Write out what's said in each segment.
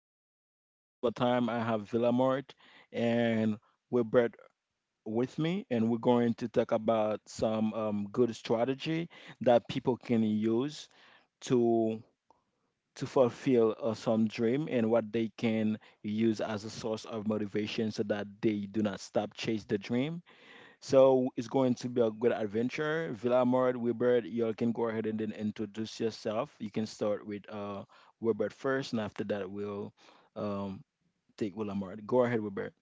podcast. And one more time, I have Villamart and Wilbert with me. And we're going to talk about some good strategy that people can use to to fulfill some dream and what they can use as a source of motivation so that they do not stop chase the dream. So it's going to be a good adventure. Villamor, Wilbert, y'all can go ahead and then introduce yourself. You can start with Wilbert first, and after that we'll um take Villamor. Go ahead, Wilbert.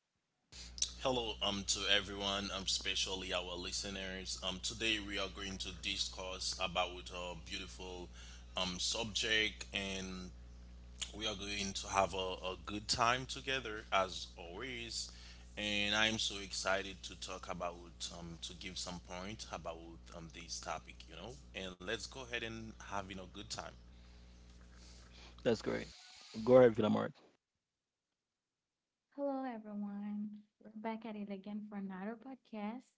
Hello, to everyone, especially our listeners. Today we are going to discuss about a beautiful, subject, and we are going to have a good time together as always. And I am so excited to talk about, to give some point about this topic, And let's go ahead and having a good time. That's great. Go ahead, Villamor. Hello, everyone. We're back at it again for another podcast.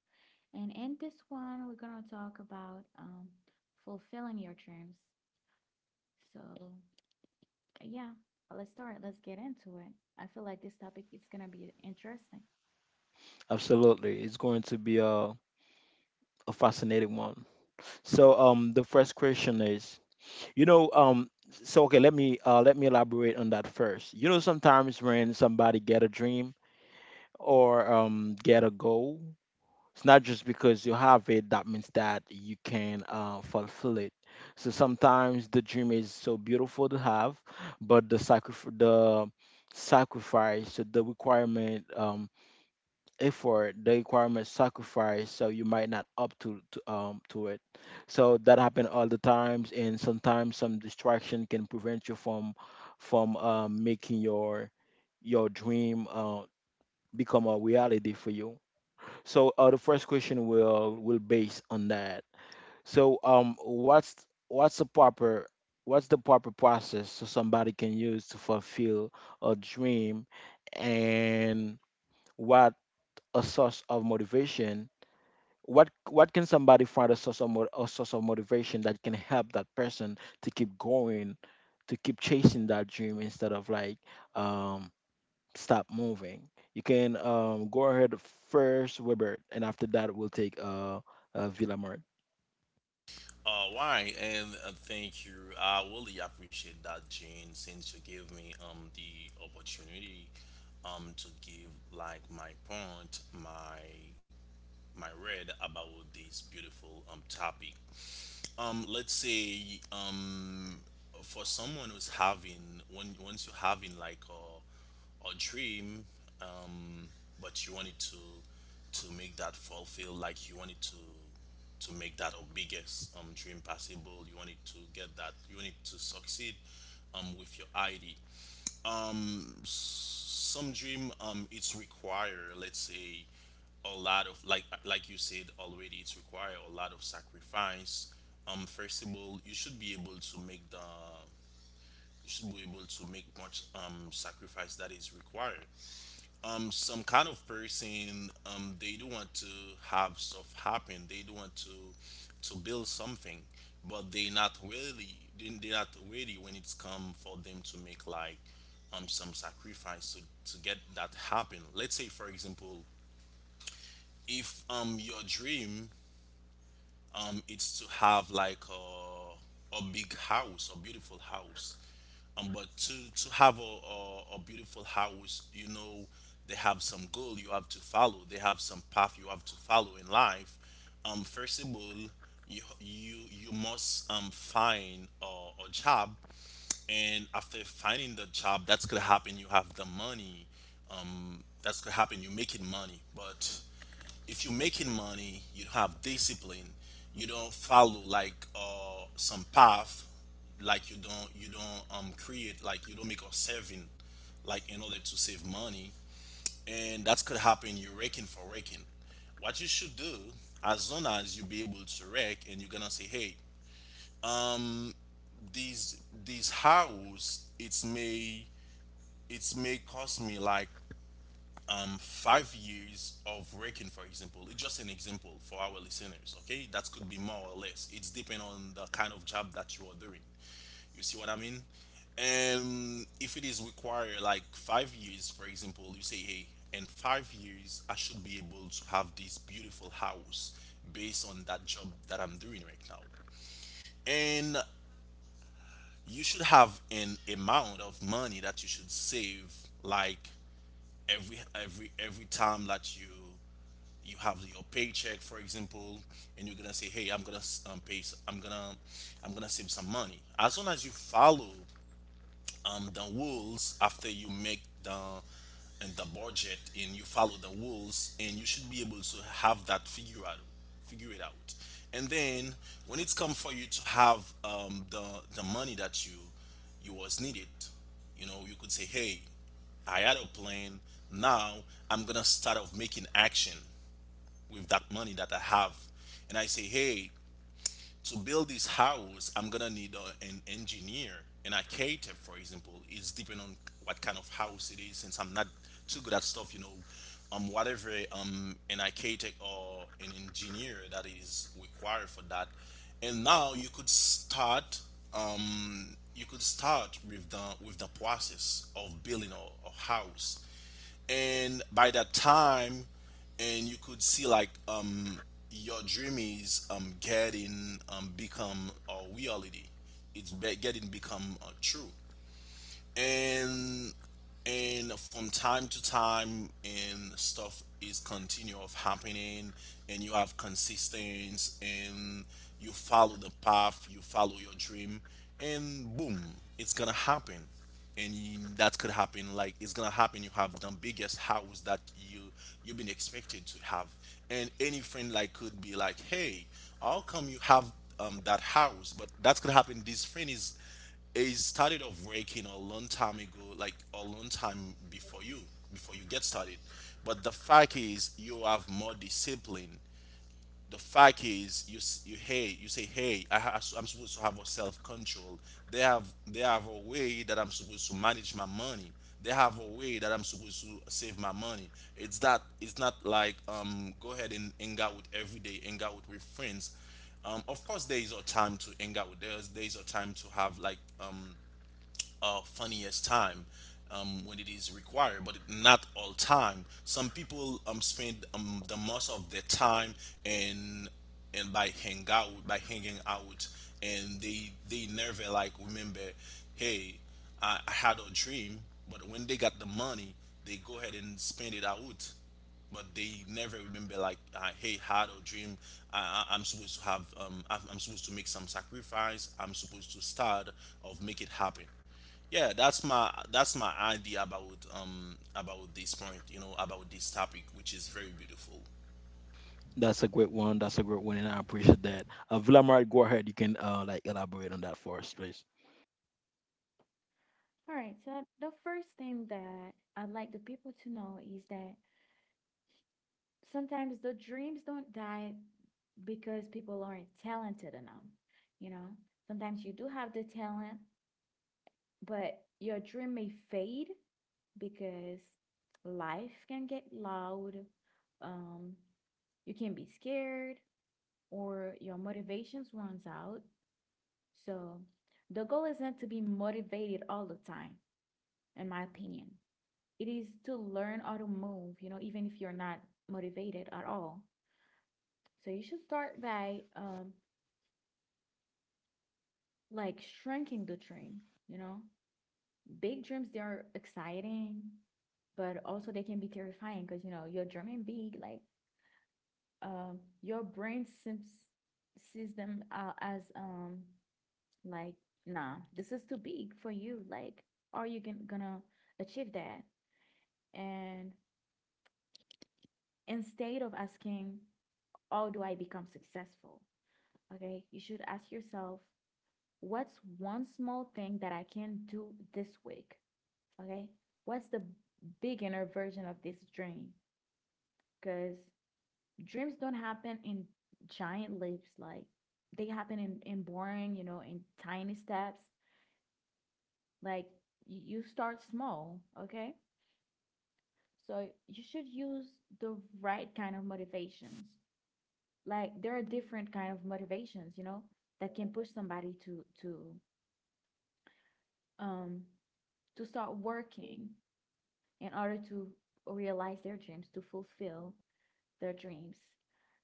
And in this one, we're going to talk about fulfilling your dreams. So, yeah, let's start. Let's get into it. I feel like this topic is going to be interesting. Absolutely, it's going to be a fascinating one. So the first question is, you know um okay, let me elaborate on that first. You know, sometimes when somebody get a dream or get a goal, it's not just because you have it that means that you can fulfill it. So sometimes the dream is so beautiful to have, but the sacrifice, so the requirement, effort, the requirement sacrifice, so you might not up to it. So that happen all the times, and sometimes some distraction can prevent you from making your dream become a reality for you. So the first question will base on that. So what's the proper what's the proper process so somebody can use to fulfill a dream, and what a source of motivation? What can somebody find a source of motivation that can help that person to keep going, to keep chasing that dream instead of like um stop moving. You can go ahead first, Webert, and after that we'll take Villamart. Why? And thank you. I really appreciate that, Jane, since you gave me the opportunity to give like my point, my read about this beautiful topic. Let's say for someone who's having when once you're having like a dream, um, but you wanted to make that fulfill, like you wanted to make that our biggest dream possible. You wanted to get that. You wanted to succeed with your ID some dream it's require, let's say, a lot of like you said already, it's require a lot of sacrifice. First of all, you should be able to make the, you should be able to make much sacrifice that is required. Some kind of person, they do want to have stuff happen, they do want to build something, but they not really, they not ready when it's come for them to make like some sacrifice to get that happen. Let's say for example, if your dream, it's to have like a big house, a beautiful house, um, but to have a beautiful house, you know, they have some goal you have to follow, they have some path you have to follow in life. First of all, you you must find a job, and after finding the job, that's gonna happen, you have the money, that's gonna happen, you're making money. But if you're making money, you have discipline. You don't follow like some path, like you don't create, like you don't make a saving, like, in order to save money, and that could happen. You're raking for raking. What you should do, as long as you be able to rake, and you're gonna say, hey, these house, it's may cost me like, 5 years of working, for example. It's just an example for our listeners, okay? That could be more or less. It's depending on the kind of job that you are doing. You see what I mean? And if it is required, like 5 years, for example, you say, hey, in 5 years, I should be able to have this beautiful house based on that job that I'm doing right now. And you should have an amount of money that you should save, like every time that you have your paycheck, for example, and you're gonna say, hey, I'm gonna, I'm gonna, I'm gonna save some money. As long as you follow, the rules after you make the, and the budget, and you follow the rules, and you should be able to have that figure out, figure it out. And then when it's come for you to have, the money that you was needed, you know, you could say, hey, I had a plan. Now I'm gonna start off making action with that money that I have, and I say, hey, to build this house, I'm gonna need an engineer and a caterer, for example. It's depending on what kind of house it is. Since I'm not too good at stuff, you know, whatever, an architect or an engineer that is required for that. And now you could start, you could start with the, process of building a house. And by that time, and you could see like, your dream is getting, become a reality. It's getting become, true. And, from time to time and stuff is continue of happening, and you have consistency, and you follow the path, you follow your dream, and boom, it's gonna happen. And you, that could happen, like, it's gonna happen, you have the biggest house that you you've been expected to have. And any friend like could be like, hey, how come you have, that house? But that's gonna happen, this friend is, it started off working a long time ago, like a long time before you get started. But the fact is, you have more discipline. The fact is, you s- you hey, you say, hey, I'm supposed to have a self control. They have a way that I'm supposed to manage my money. They have a way that I'm supposed to save my money. It's that it's not like, go ahead and hang out with every day, hang out with friends. Of course, there is a time to hang out with. There is a time to have like funniest time, when it is required, but not all time. Some people, spend, the most of their time, and and by hanging out, and they never like remember, hey, I had a dream. But when they got the money, they go ahead and spend it out, but they never remember like, hey, had a dream, I'm supposed to have, I'm supposed to make some sacrifice, I'm supposed to start of make it happen. Yeah, that's my idea about, um, about this point, you know, about this topic, which is very beautiful. That's a great one. That's a great one, and I appreciate that. Villamart, go ahead. You can like elaborate on that for us, please. All right. So, the first thing that I'd like the people to know is that sometimes the dreams don't die because people aren't talented enough. You know, sometimes you do have the talent, but your dream may fade because life can get loud. Um, you can be scared or your motivations runs out. So the goal isn't to be motivated all the time, in my opinion. It is to learn how to move, you know, even if you're not motivated at all. So you should start by like shrinking the dream, you know, big dreams they are exciting but also they can be terrifying because you know you're dreaming big, like your brain seems sees them as like, nah, this is too big for you, like are you gonna achieve that. And instead of asking, how do I become successful? Okay, you should ask yourself, what's one small thing that I can do this week? Okay, what's the beginner version of this dream? Because dreams don't happen in giant leaps, like they happen in boring, you know, in tiny steps. Like you start small, okay. So you should use the right kind of motivations. Like there are different kind of motivations, you know, that can push somebody to um to start working in order to realize their dreams, to fulfill their dreams.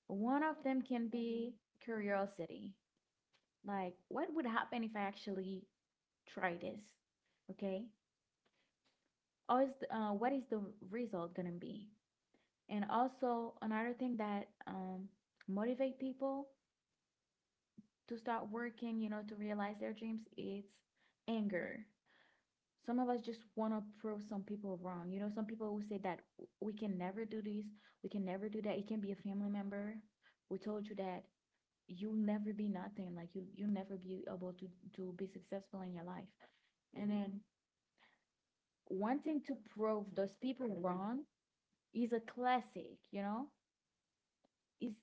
One of them can be curiosity. Like, what would happen if I actually try this? Okay. Or what is the result gonna be? And also another thing that motivate people to start working, you know, to realize their dreams, it's anger. Some of us just want to prove some people wrong. You know, some people who say that we can never do this, we can never do that. It can be a family member who told you that you'll never be nothing, like you'll never be able to be successful in your life. And then wanting to prove those people wrong is a classic, you know, is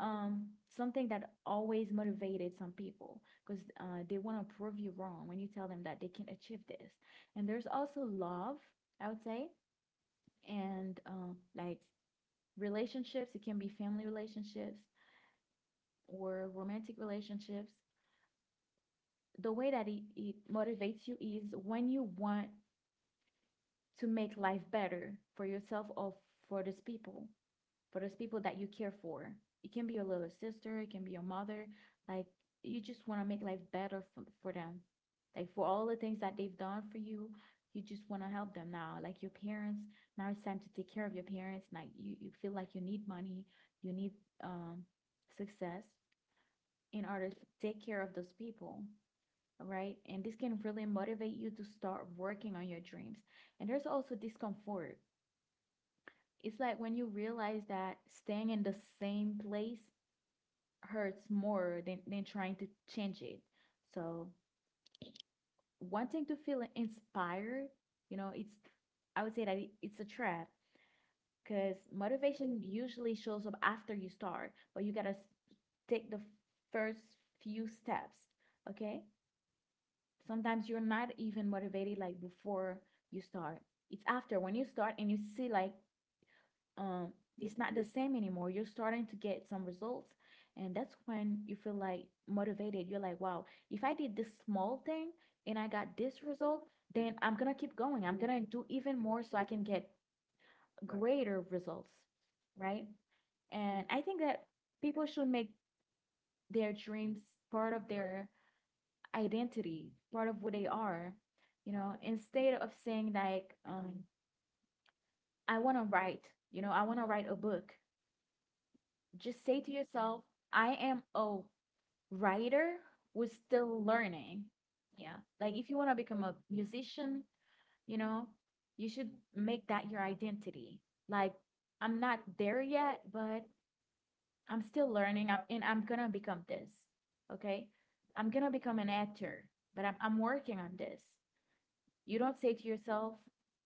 something that always motivated some people because they want to prove you wrong when you tell them that they can achieve this. And there's also love, I would say, and like, relationships. It can be family relationships or romantic relationships. The way that it motivates you is when you want to make life better for yourself or for these people, for those people that you care for. It can be your little sister, it can be your mother. Like, you just want to make life better for them. Like, for all the things that they've done for you, you just want to help them now. Like your parents, now it's time to take care of your parents. Like you feel like you need money, you need um, success in order to take care of those people, right? And this can really motivate you to start working on your dreams. And there's also discomfort. It's like when you realize that staying in the same place hurts more than trying to change it. So wanting to feel inspired, you know, it's, I would say that it's a trap because motivation usually shows up after you start, but you gotta take the first few steps. Okay, sometimes you're not even motivated like before you start. It's after when you start and you see like, um it's not the same anymore. You're starting to get some results, and that's when you feel like motivated. You're like, wow, if I did this small thing and I got this result, then I'm gonna keep going. I'm gonna do even more so I can get greater results, right? And I think that people should make their dreams part of their identity, part of who they are, you know, instead of saying like, I wanna write, you know, I wanna write a book. Just say to yourself, I am a writer who's still learning. Yeah. Like, if you want to become a musician, you know, you should make that your identity. Like, I'm not there yet, but I'm still learning. And I'm going to become this. Okay. I'm going to become an actor, but I'm working on this. You don't say to yourself,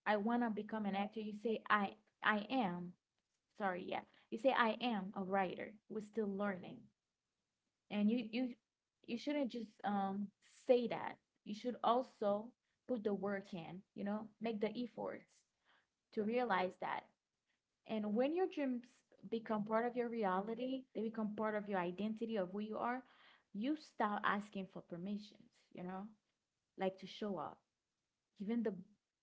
I want to become an actor. You say, I am. Sorry. Yeah. You say, I am a writer. We're still learning, and you shouldn't just say that. You should also put the work in, you know, make the efforts to realize that. And when your dreams become part of your reality, they become part of your identity, of who you are, you stop asking for permissions, you know, like to show up. Even the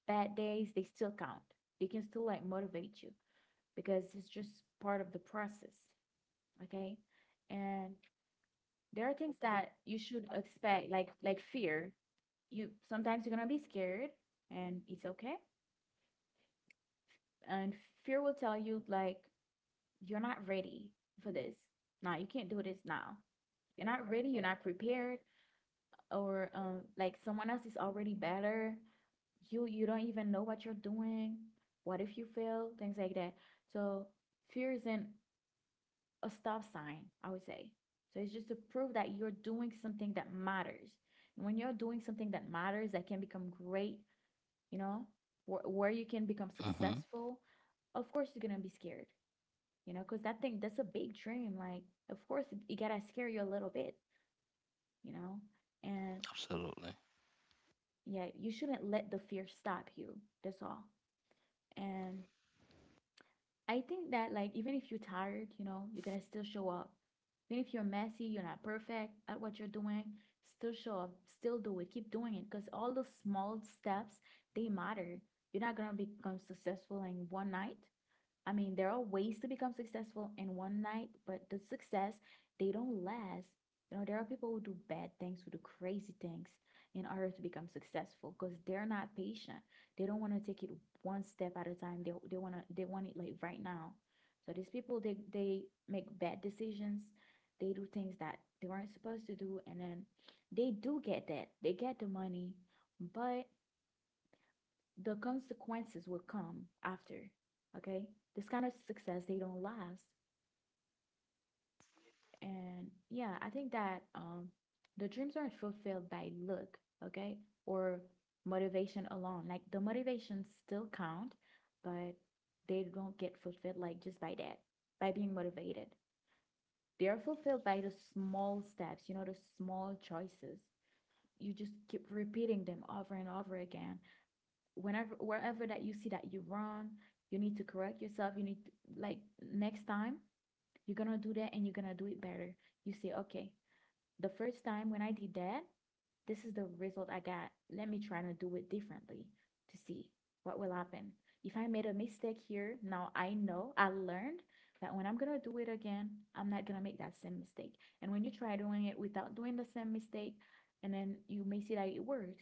bad days, they still count. They can still like motivate you because it's just part of the process. Okay. And there are things that you should expect, like fear. You sometimes you're gonna be scared, and it's okay. And fear will tell you like, you're not ready for this. No, you can't do this now. You're not ready, you're not prepared. Or like, someone else is already better. You don't even know what you're doing. What if you fail? Things like that. So fear isn't a stop sign, I would say. So it's just to prove that you're doing something that matters. And when you're doing something that matters, that can become great, you know, where you can become Mm-hmm. successful, of course you're gonna be scared, you know, because that thing, that's a big dream. Like, of course, it gotta scare you a little bit, you know? And Absolutely. yeah, you shouldn't let the fear stop you. That's all. And I think that, like, even if you're tired, you know, you gotta still show up. Even if you're messy, you're not perfect at what you're doing, still show up, still do it, keep doing it. Because all those small steps, they matter. You're not gonna become successful in one night. I mean, there are ways to become successful in one night, but the success, they don't last. You know, there are people who do bad things, who do crazy things in order to become successful because they're not patient. They don't want to take it one step at a time. They want to they want it like right now. So these people, they make bad decisions. They do things that they weren't supposed to do, and then they do get that. They get the money, but the consequences will come after. Okay. This kind of success, they don't last. And yeah, I think that the dreams aren't fulfilled by luck, okay, or motivation alone. Like, the motivations still count, but they don't get fulfilled like just by that, by being motivated. They are fulfilled by the small steps, you know, the small choices. You just keep repeating them over and over again. Whenever, wherever that you see that you're wrong, you need to correct yourself. You need to, like, next time you're gonna do that and you're gonna do it better. You say, okay, the first time when I did that, this is the result I got. Let me try to do it differently to see what will happen. If I made a mistake here, now I know, I learned that when I'm gonna do it again, I'm not gonna make that same mistake. And when you try doing it without doing the same mistake, and then you may see that it works.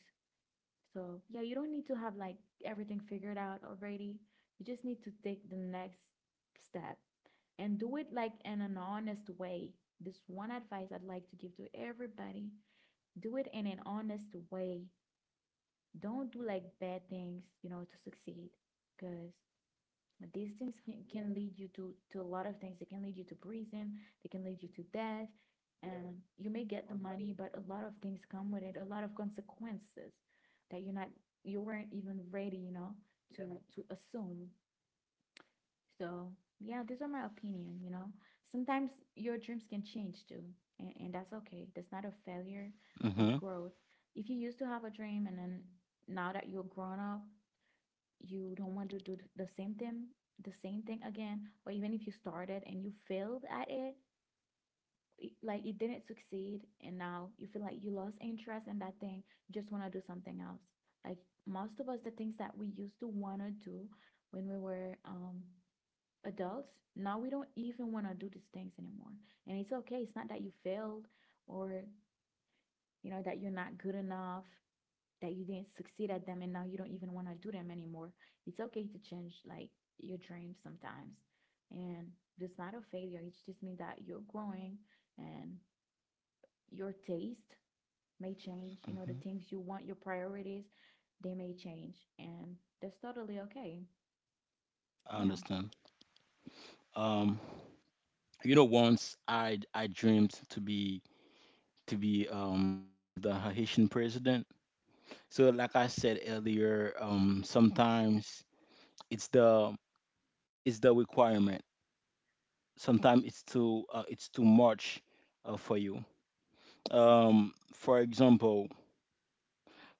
So, yeah, you don't need to have like everything figured out already. You just need to take the next step and do it like in an honest way. This one advice I'd like to give to everybody, do it in an honest way. Don't do like bad things, you know, to succeed because, but these things can lead you to a lot of things. They can lead you to prison. They can lead you to death. Yeah. And you may get the money, but a lot of things come with it. A lot of consequences that you weren't even ready, you know, to, yeah, to assume. So yeah, these are my opinion. You know, sometimes your dreams can change too, and that's okay. That's not a failure. That's Mm-hmm. growth. If you used to have a dream and then now that you're grown up, you don't want to do the same thing again, or even if you started and you failed at it, like it didn't succeed and now you feel like you lost interest in that thing, you just want to do something else. Like, most of us, the things that we used to want to do when we were adults, now we don't even want to do these things anymore. And it's okay, it's not that you failed or, you know, that you're not good enough, that you didn't succeed at them and now you don't even want to do them anymore. It's okay to change, like, your dreams sometimes. And it's not a failure. It just means that you're growing and your taste may change. You know, the Mm-hmm. things you want, your priorities, they may change. And that's totally okay. I Yeah. understand. Um, you know, once I dreamed to be one of the Haitian president. So, like I said earlier, sometimes it's the it's the requirement, sometimes it's too much for you. um for example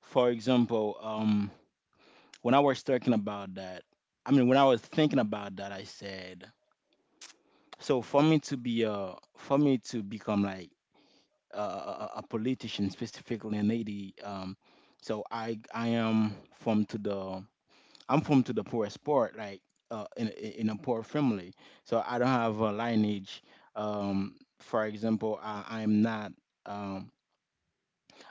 for example um when I was talking about that, I mean when I was thinking about that, I said, so for me to become like a politician, specifically in Haiti. I am from to the I'm from to the poorest part, like in a poor family, so I don't have a lineage. Um, for example, I am not. Um,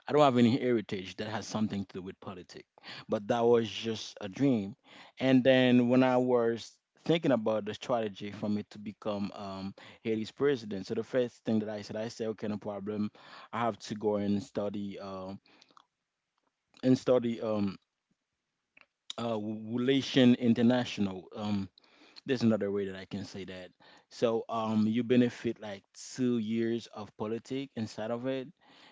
I don't have any heritage that has something to do with politics, but that was just a dream. And then when I was thinking about the strategy for me to become Haiti's president, so the first thing that I said, okay, no problem. I have to go and study relation international. There's another way that I can say that. So you benefit like 2 years of politic inside of it.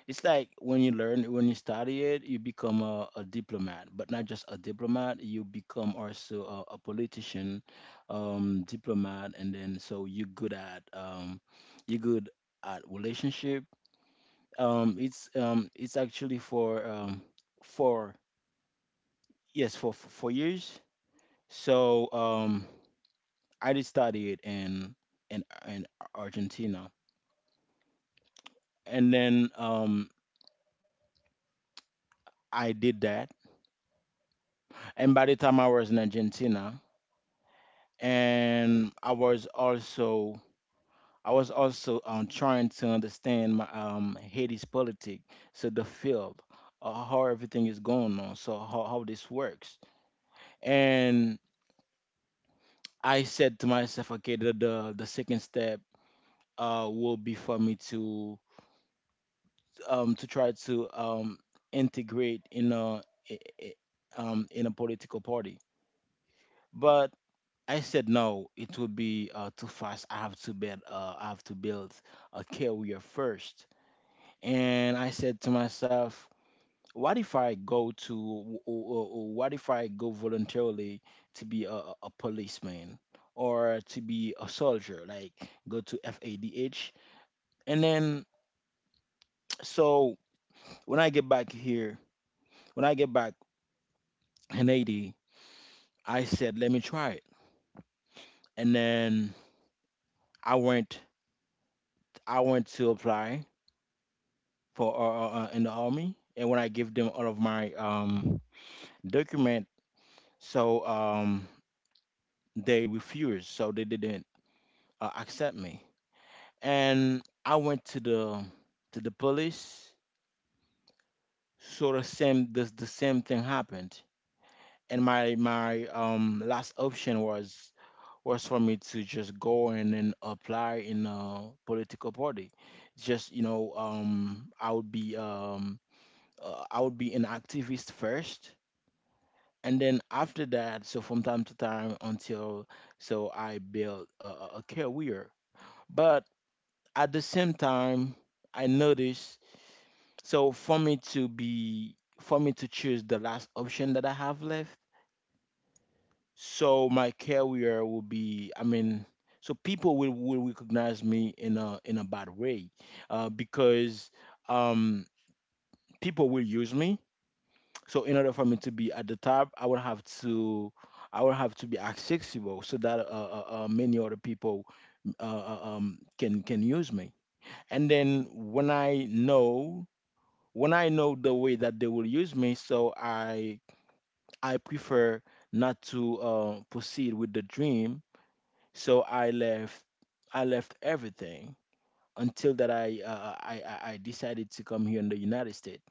It's like when you learn, when you study it, you become a diplomat, but not just a diplomat. You become also a politician, diplomat, and then so you're good at relationship. It's actually for for 4 years. So I did study it in in in Argentina, and then I did that, and by the time I was in Argentina, and I was also trying to understand my Haiti's politic, so the field, how everything is going on, so how this works, and I said to myself, okay, the second step will be for me to try to integrate in a i- i- in a political party. But I said no, it would be too fast. I have to build I have to build a career first. And I said to myself, what if I go to w- w- w- what if I go voluntarily to be a a policeman or to be a soldier, like go to FADH, and then so when I get back here, when I get back in AD, I said, let me try it. And then I went, I went to apply for in the army. And when I give them all of my document, so they refused, so they didn't accept me. And I went to the police. Sort of same, the same thing happened. And my last option was for me to just go and then apply in a political party. Just you know, I would be an activist first, and then after that, so from time to time until so I built a a career. But at the same time, I noticed so for me to choose the last option that I have left, so my career will be, I mean, so people will recognize me in a bad way because um people will use me, so in order for me to be at the top, I will have to be accessible so that many other people can use me. And then when I know the way that they will use me, so I prefer not to proceed with the dream. So I left everything until that I, I decided to come here in the United States.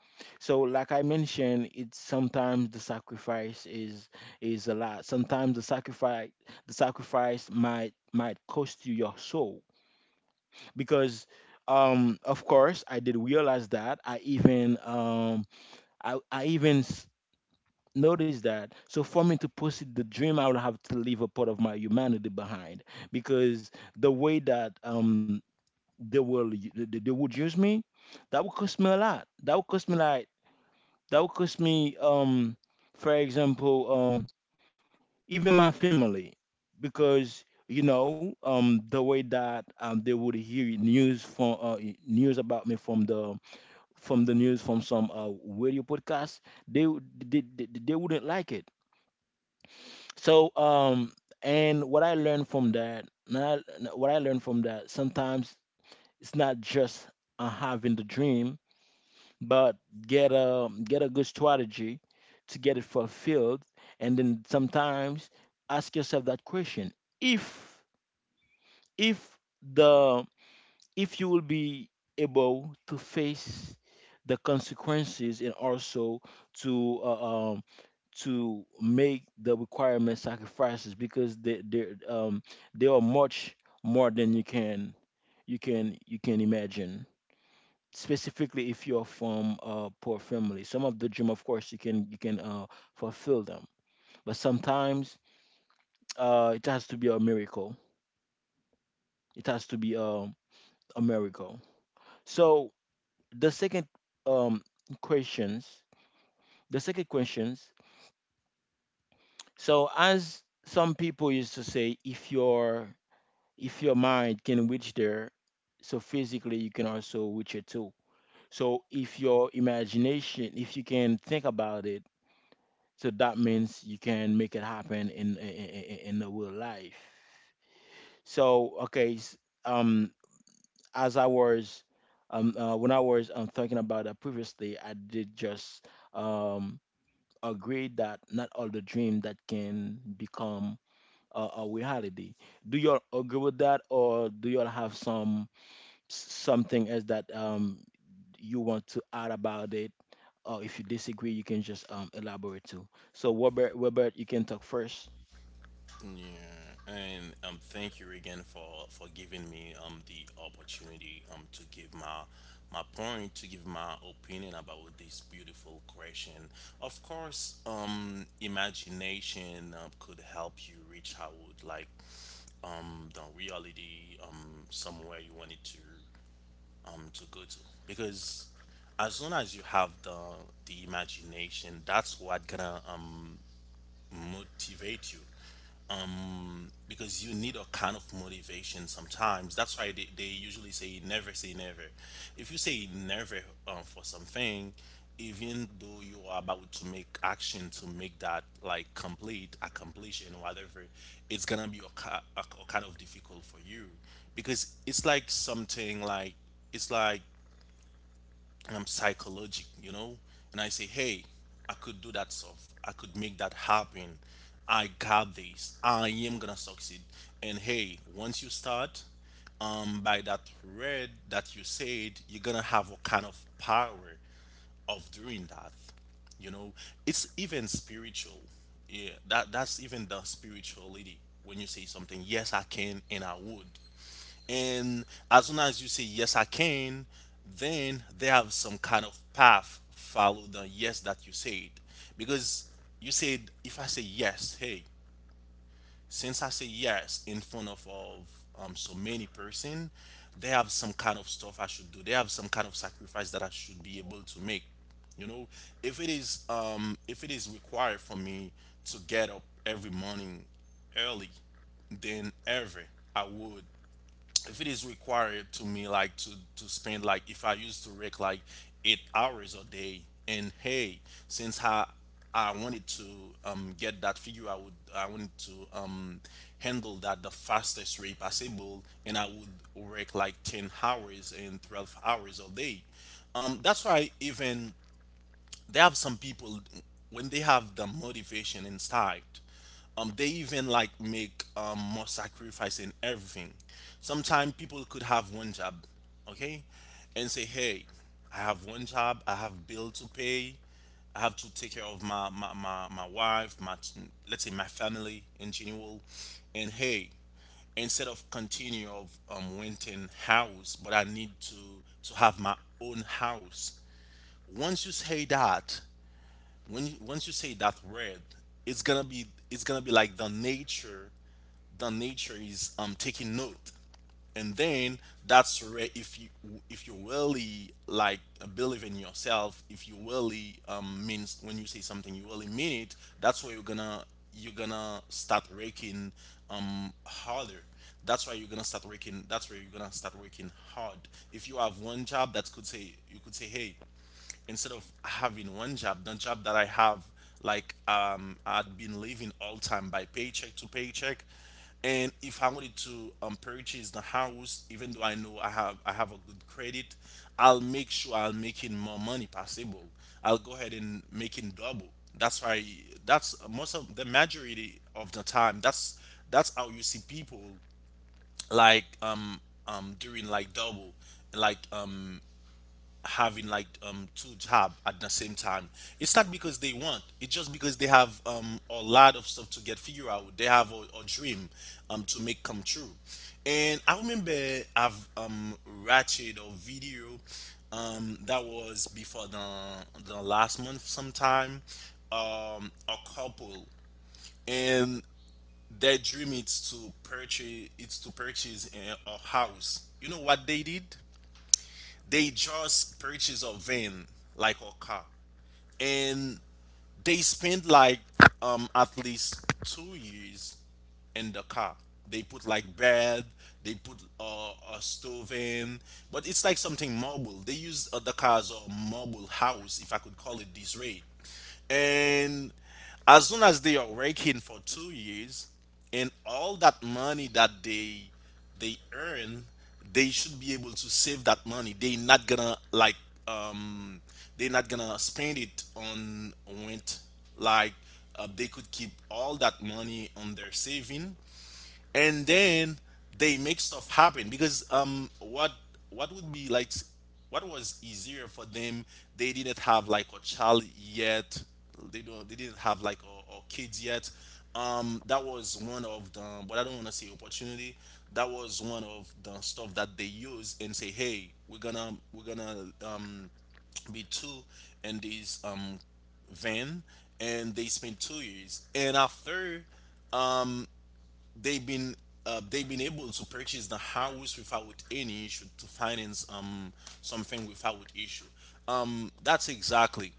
So like I mentioned, it's sometimes the sacrifice is a lot. Sometimes the sacrifice might cost you your soul because of course I did realize that I even notice that. So for me to pursue the dream, I would have to leave a part of my humanity behind because the way that they will they would use me, that would cost me a lot. That would cost me like that would cost me for example even my family, because you know the way that they would hear news from news about me from the news, from some radio podcast, they, would- they wouldn't like it. So And what I learned from that, not what I learned from that, sometimes it's not just having the dream, but get a good strategy to get it fulfilled, and then sometimes ask yourself that question: if if the if you will be able to face the consequences and also to uh, um, to make the requirement sacrifices, because they they are much more than you can you can imagine. Specifically, if you're from a poor family, some of the dream, of course, you can fulfill them, but sometimes it has to be a miracle. It has to be a miracle. So the second um questions, the second questions. So as some people used to say, if you're if your mind can reach there, so physically you can also reach it too. So if your imagination, if you can think about it, so that means you can make it happen in in the real life. So okay, um, as I was, when I was thinking about that previously, I did just um agree that not all the dream that can become a reality. Do you all agree with that, or do you all have some? Something else that you want to add about it, or if you disagree, you can just elaborate too. So Robert, Robert, you can talk first. Yeah, and thank you again for giving me the opportunity to give my opinion about this beautiful question. Of course, imagination, could help you reach out like the reality, somewhere you wanted to go to, because as long as you have the, imagination, that's what gonna, motivate you, because you need a kind of motivation sometimes. That's why they usually say never say never. If you say never, for something, even though you are about to make action to make that like complete, accomplish, and whatever, it's gonna be a kind of difficult for you, because it's like something like, it's like, and I'm psychologic, you know, and I say, hey, I could do that stuff. I could make that happen. I got this. I am gonna succeed. And hey, once you start, by that red that you said, you're gonna have a kind of power of doing that, you know. It's even spiritual. Yeah, that's even the spirituality. When you say something, yes I can, and I would. And as soon as you say yes I can, then they have some kind of path follow the yes that you said, because you said, if I say yes, hey, since I say yes in front of, so many person, they have some kind of stuff I should do. They have some kind of sacrifice that I should be able to make. You know, if it is required for me to get up every morning early, then ever I would. If it is required to me, like, to spend like, if I used to work like 8 hours a day, and hey, since I wanted to, get that figure, I would, I wanted to, handle that the fastest way possible, and I would work like 10 hours and 12 hours a day. Um, that's why even they have some people, when they have the motivation inside, they even like make, more sacrifice in everything. Sometimes people could have one job, okay, and say, "Hey, I have one job. I have bill to pay. I have to take care of my wife, let's say my family in general." And hey, instead of continue of, renting house, but I need to have my own house. Once you say that, when you, once you say that word, it's gonna be it's gonna be like the nature is taking note, and then that's where if you really like believe in yourself, if you really means when you say something you really mean it, that's where you're gonna start working harder. That's where you're gonna start working hard. If you have one job, that could say you could say, "Hey, instead of having one job, the job that I have, I'd been living all time by paycheck to paycheck, and if I wanted to purchase the house, even though I know I have a good credit, I'll make sure I'll making more money possible. I'll go ahead and making double." That's why that's most of the majority of the time, that's how you see people, like um doing like double, like um having like two job at the same time. It's not because they want, it's just because they have a lot of stuff to get figure out. They have a dream to make come true. And I remember I've ratchet a video that was before the last month sometime, a couple, and their dream is to purchase it's to purchase a house. You know what they did? They just purchase a van, like a car, and they spend like at least 2 years in the car. They put like bed, they put a stove in, but it's like something marble. They use the car as a marble house, if I could call it this way. And as soon as they are working for 2 years, and all that money that they earn, they should be able to save that money. They're not gonna like um they're not gonna spend it on rent. Like they could keep all that money on their saving, and then they make stuff happen, because what would be like s- what was easier for them, they didn't have like a child yet, they didn't have like a kids yet. That was one of the, but I don't want to say opportunity, that was one of the stuff that they use and say, "Hey, we're gonna be two in this van." And they spent 2 years, and after they've been they've been able to purchase the house without any issue, to finance something without issue. um that's exactly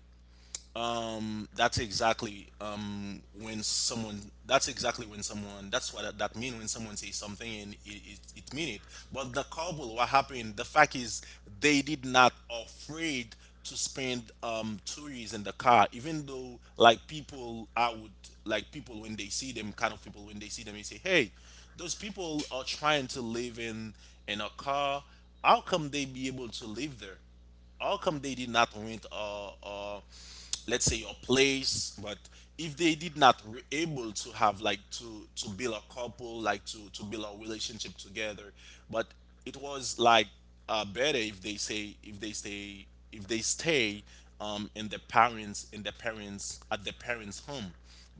that's exactly when someone That's exactly when someone that, that mean, when someone says something and it, it mean it. But the kabul, what happened, the fact is they did not afraid to spend 2 years in the car, even though like people I would like people when they see them, kind of people when they see them, they say, "Hey, those people are trying to live in a car. How come they be able to live there? How come they did not rent or let's say your place?" But if they did not were able to have like to build a couple, to build a relationship together. But it was like better if they say if they stay if they stay in their parents at their parents home.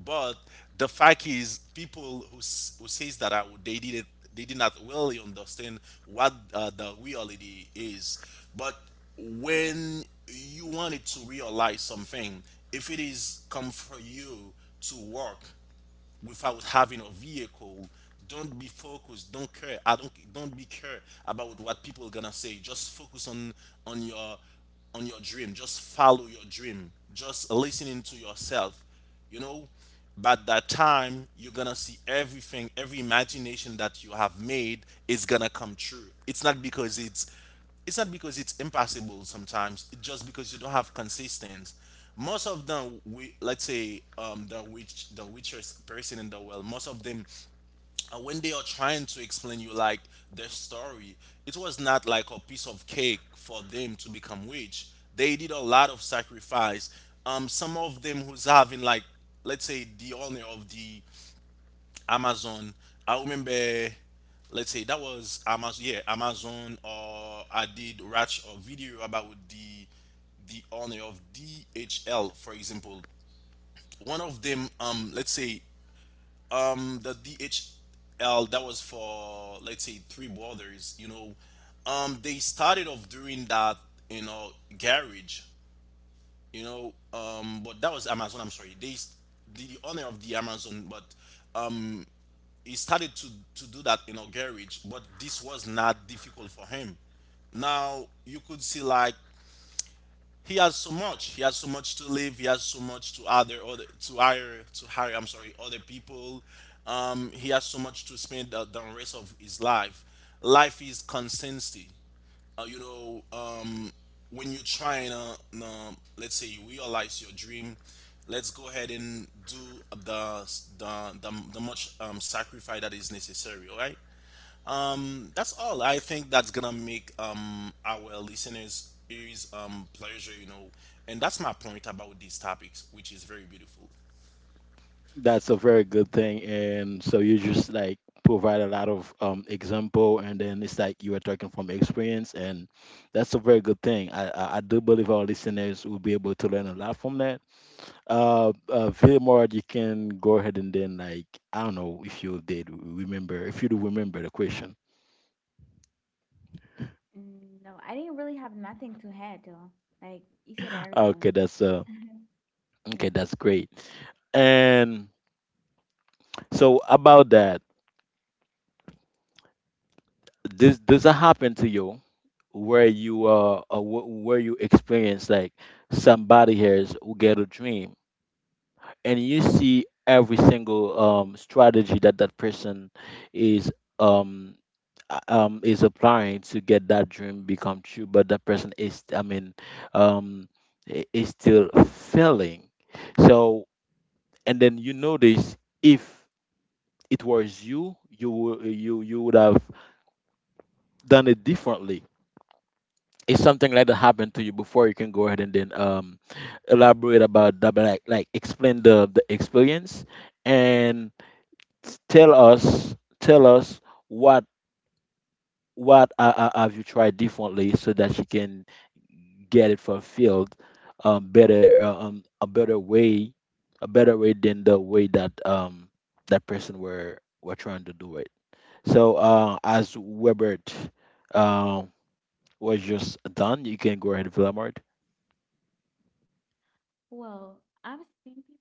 But the fact is, people who who says that, they didn't they did not really understand what the reality is. But when you wanted to realize something, if it is come for you to work without having a vehicle, don't be focused don't care, I don't be care about what people gonna say. Just focus on on your on your dream, just follow your dream, just listening to yourself, you know. But that time you're gonna see everything, every imagination that you have made is gonna come true. It's not because it's impossible, sometimes it's just because you don't have consistency. Most of them, we let's say, the witch, the richest person in the world, most of them, when they are trying to explain you like their story, it was not like a piece of cake for them to become rich. They did a lot of sacrifice. Some of them who's having like, let's say the owner of the Amazon. I remember, let's say that was Amazon, yeah, Amazon, or I did watch a video about the owner of DHL, for example. One of them, let's say, the DHL that was for let's say three brothers, you know, they started off doing that, you know, garage, you know, but that was Amazon. I'm sorry, the owner of the Amazon, but um he started to do that in our garage, but this was not difficult for him. Now you could see like he has so much. He has so much to live. He has so much to other other to hire to hire, I'm sorry, other people. He has so much to spend the rest of his life. Life is consistency. You know, when you're trying to, let's say, you realize your dream, let's go ahead and do the the much sacrifice that is necessary. All right. That's all. I think that's gonna make our listeners ears pleasure, you know, and that's my point about these topics, which is very beautiful. That's a very good thing. And so you just like provide a lot of example, and then it's like you are talking from experience, and that's a very good thing. I do believe our listeners will be able to learn a lot from that. Vilmar, you can go ahead and then like I don't know if you did remember, if you do remember the question. Mm, no, I didn't really have nothing to add though. Like, you said everything. Okay, that's Yeah. Okay, that's great. And so about that, this does that happen to you where you where you experience like somebody else who get a dream, and you see every single strategy that that person is um is applying to get that dream become true, but that person is, I mean, um is still failing. So and then you notice if it was you you would have done it differently. If something like that happened to you before, you can go ahead and then elaborate about that, but like explain the experience and tell us what what have you tried differently so that you can get it fulfilled, better, a better way, a better way than the way that that person were trying to do it. So, as Webert um, was just done, you can go ahead, Villamard. Well, I've seen people.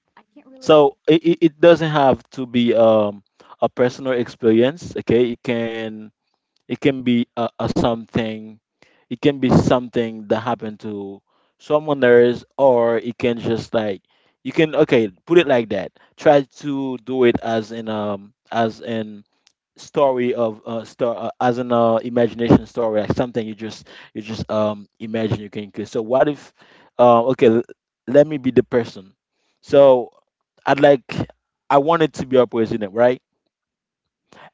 I can't really say So it doesn't have to be a personal experience. Okay, it can, it can be a something. It can be something that happened to someone else, or it can just like, you can, okay, put it like that. Try to do it as in story of star as an imagination story, like something you just imagine. You can create, so what if, uh, okay l- let me be the person. So I'd like, I wanted to be a president, right?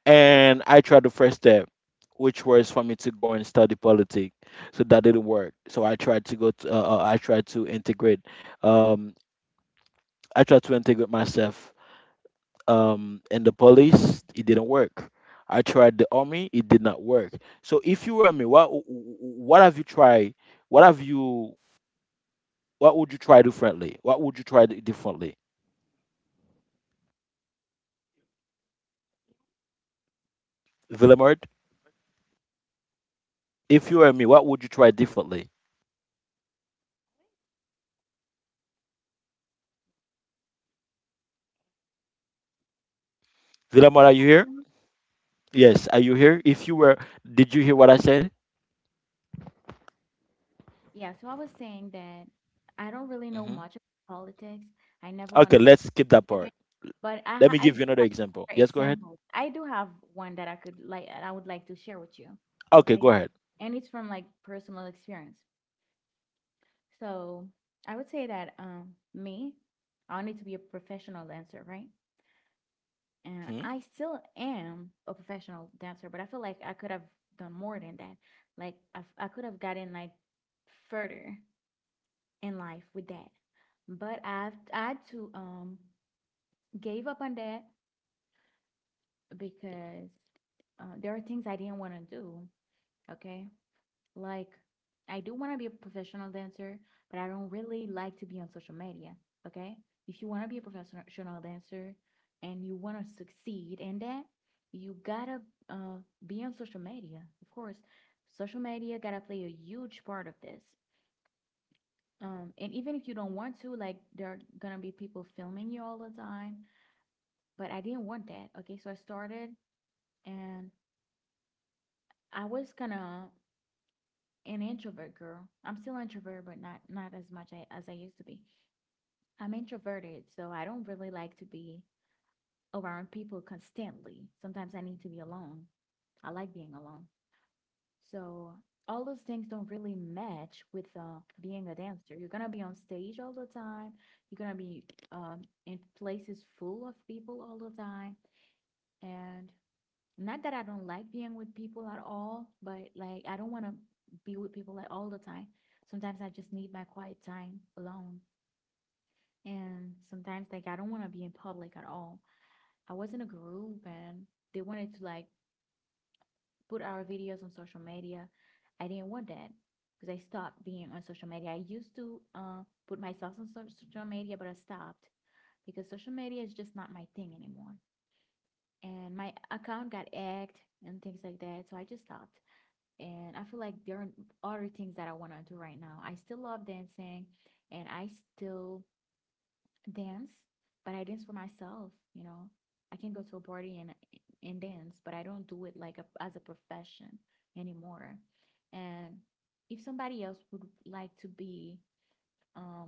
And I tried the first step, which was for me to go and study politics. So that didn't work. So I tried to go to, I tried to integrate, um I tried to integrate myself in the police. It didn't work. I tried the army. It did not work. So if you were me, what what have you tried, what have you, what would you try differently? What would you try differently, Villemard? If you were me, what would you try differently? Villemard, are you here? that. Yes, are you here? If you were, did you hear what I said? Yeah, so I was saying that I don't really know Hmm. much about politics. I never wanted Okay, let's skip to that do it, part. but Let I me do give you have another other example. Yes, go ahead. examples. I do have one that I would like to share with you, Okay, okay? go ahead. And it's from, like, personal experience. So I would say that me, I need to be a professional dancer, right? And I still am a professional dancer, but I feel like I could have done more than that. Like, I could have gotten, like, further in life with that. But I too gave up on that because there are things I didn't want to do. Okay, like, I do want to be a professional dancer, but I don't really like to be on social media. Okay, if you want to be a professional dancer and you want to succeed in that, you gotta uh, be on social media. Of course, social media gotta play a huge part of this. And even if you don't want to, like, there are gonna be people filming you all the time. But I didn't want that. Okay, so I started, and I was kind of an introvert girl. I'm still introvert, but not as much as I used to be. I'm introverted, so I don't really like to be around people constantly. Sometimes I need to be alone. I like being alone. So all those things don't really match with being a dancer. You're gonna be on stage all the time. You're gonna be in places full of people all the time. And not that I don't like being with people at all, but, like, I don't want to be with people, like, all the time. Sometimes I just need my quiet time alone. And sometimes, like, I don't want to be in public at all. I was in a group and they wanted to, like, put our videos on social media. I didn't want that because I stopped being on social media. I used to put myself on social media, but I stopped because social media is just not my thing anymore. And my account got hacked and things like that, so I just stopped. And I feel like there are other things that I want to do right now. I still love dancing, and I still dance, but I dance for myself, you know. I can go to a party and dance, but I don't do it like as a profession anymore. And if somebody else would like to be um,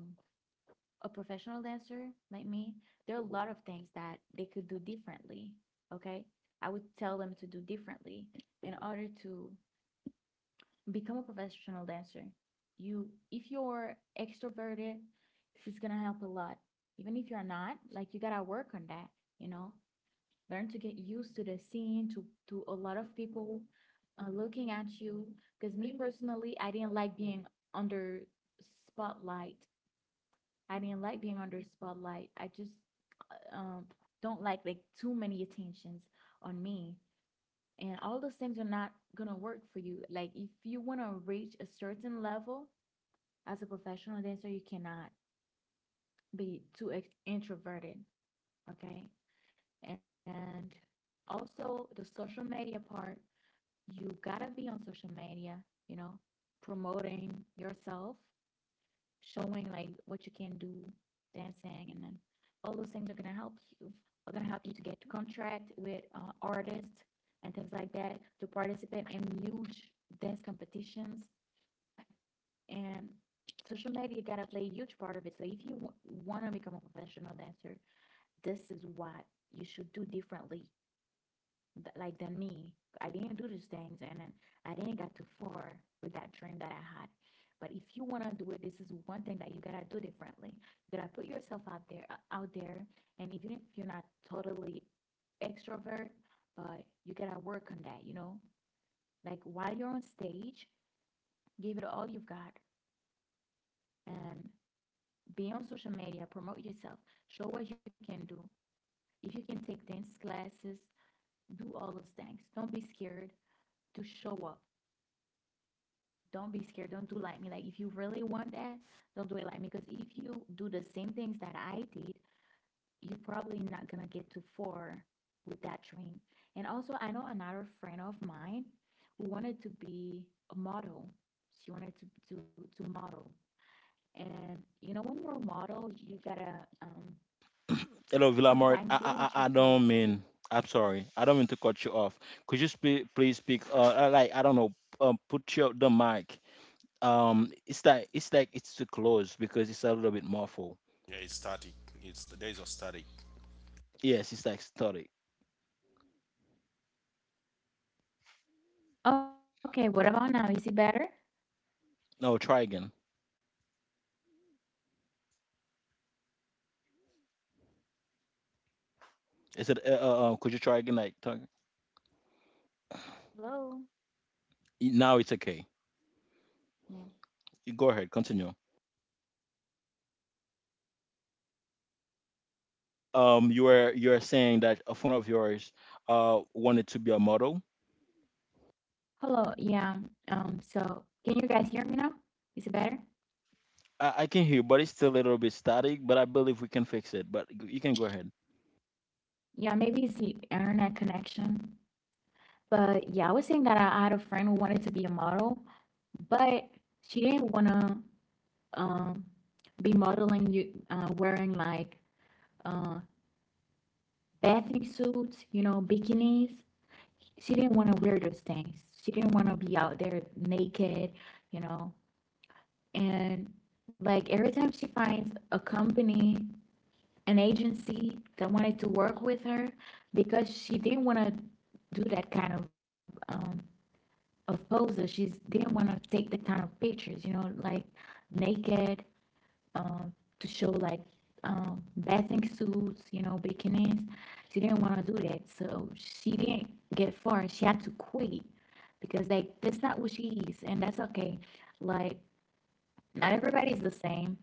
a professional dancer like me, there are a lot of things that they could do differently. Okay, I would tell them to do differently in order to become a professional dancer. You, if you're extroverted, it's gonna help a lot. Even if you're not, like, you gotta work on that. You know, learn to get used to the scene, to a lot of people looking at you. Because me personally, I didn't like being under spotlight. I didn't like being under spotlight. I just uh, um, don't like, too many attentions on me, and all those things are not gonna work for you. Like, if you wanna reach a certain level as a professional dancer, you cannot be too introverted, okay? And also the social media part, you gotta be on social media, you know, promoting yourself, showing, like, what you can do, dancing, and then all those things are gonna help you. Are gonna help you to get to contract with artists and things like that, to participate in huge dance competitions, and social media gotta play a huge part of it. So if you want to become a professional dancer, this is what you should do differently like, than me. I didn't do these things and then I didn't get too far with that dream that I had. But if you want to do it, this is one thing that you gotta do differently. You gotta put yourself out there, and even if you're not totally extrovert, but you gotta work on that. You know, like, while you're on stage, give it all you've got and be on social media, promote yourself, show what you can do. If you can take dance classes, do all those things. Don't be scared to show up, don't be scared. Don't do like me. Like, if you really want that, don't do it like me. Because if you do the same things that I did, you're probably not going to get too far with that dream. And also, I know another friend of mine who wanted to be a model. She wanted to, to model. And, you know, when you're a model, you gotta, Hello, Villamart. sometimes they I, I want you I I to. don't mean. I'm sorry, I don't mean to cut you off. Could you please speak? Like, I don't know. Put your the mic. It's like it's too close, because it's a little bit muffled. Yeah, it's static. It's there's a static. Yes, it's like static. Okay, what about now? Is it better? No, try again. Is it? Could you try again? Like, talk? Hello? Now, it's okay. Yeah. You, go ahead. Continue. You were, you were saying that a friend of yours wanted to be a model. Hello, yeah. So, can you guys hear me now? Is it better? I can hear, but it's still a little bit static. But I believe we can fix it. But you can go ahead. Yeah, maybe it's the internet connection. But yeah, I was saying that I had a friend who wanted to be a model, but she didn't want to um, be modeling you wearing like uh, bathing suits, you know, bikinis. She didn't want to wear those things. She didn't want to be out there naked, you know. And like every time she finds a company, an agency that wanted to work with her, because she didn't want to do that kind of poses. She didn't want to take the kind of pictures, you know, like, naked, um, to show, like, bathing suits, you know, bikinis. She didn't want to do that, so she didn't get far. She had to quit because, like, that's not what she is, and that's okay. Like, not everybody's the same.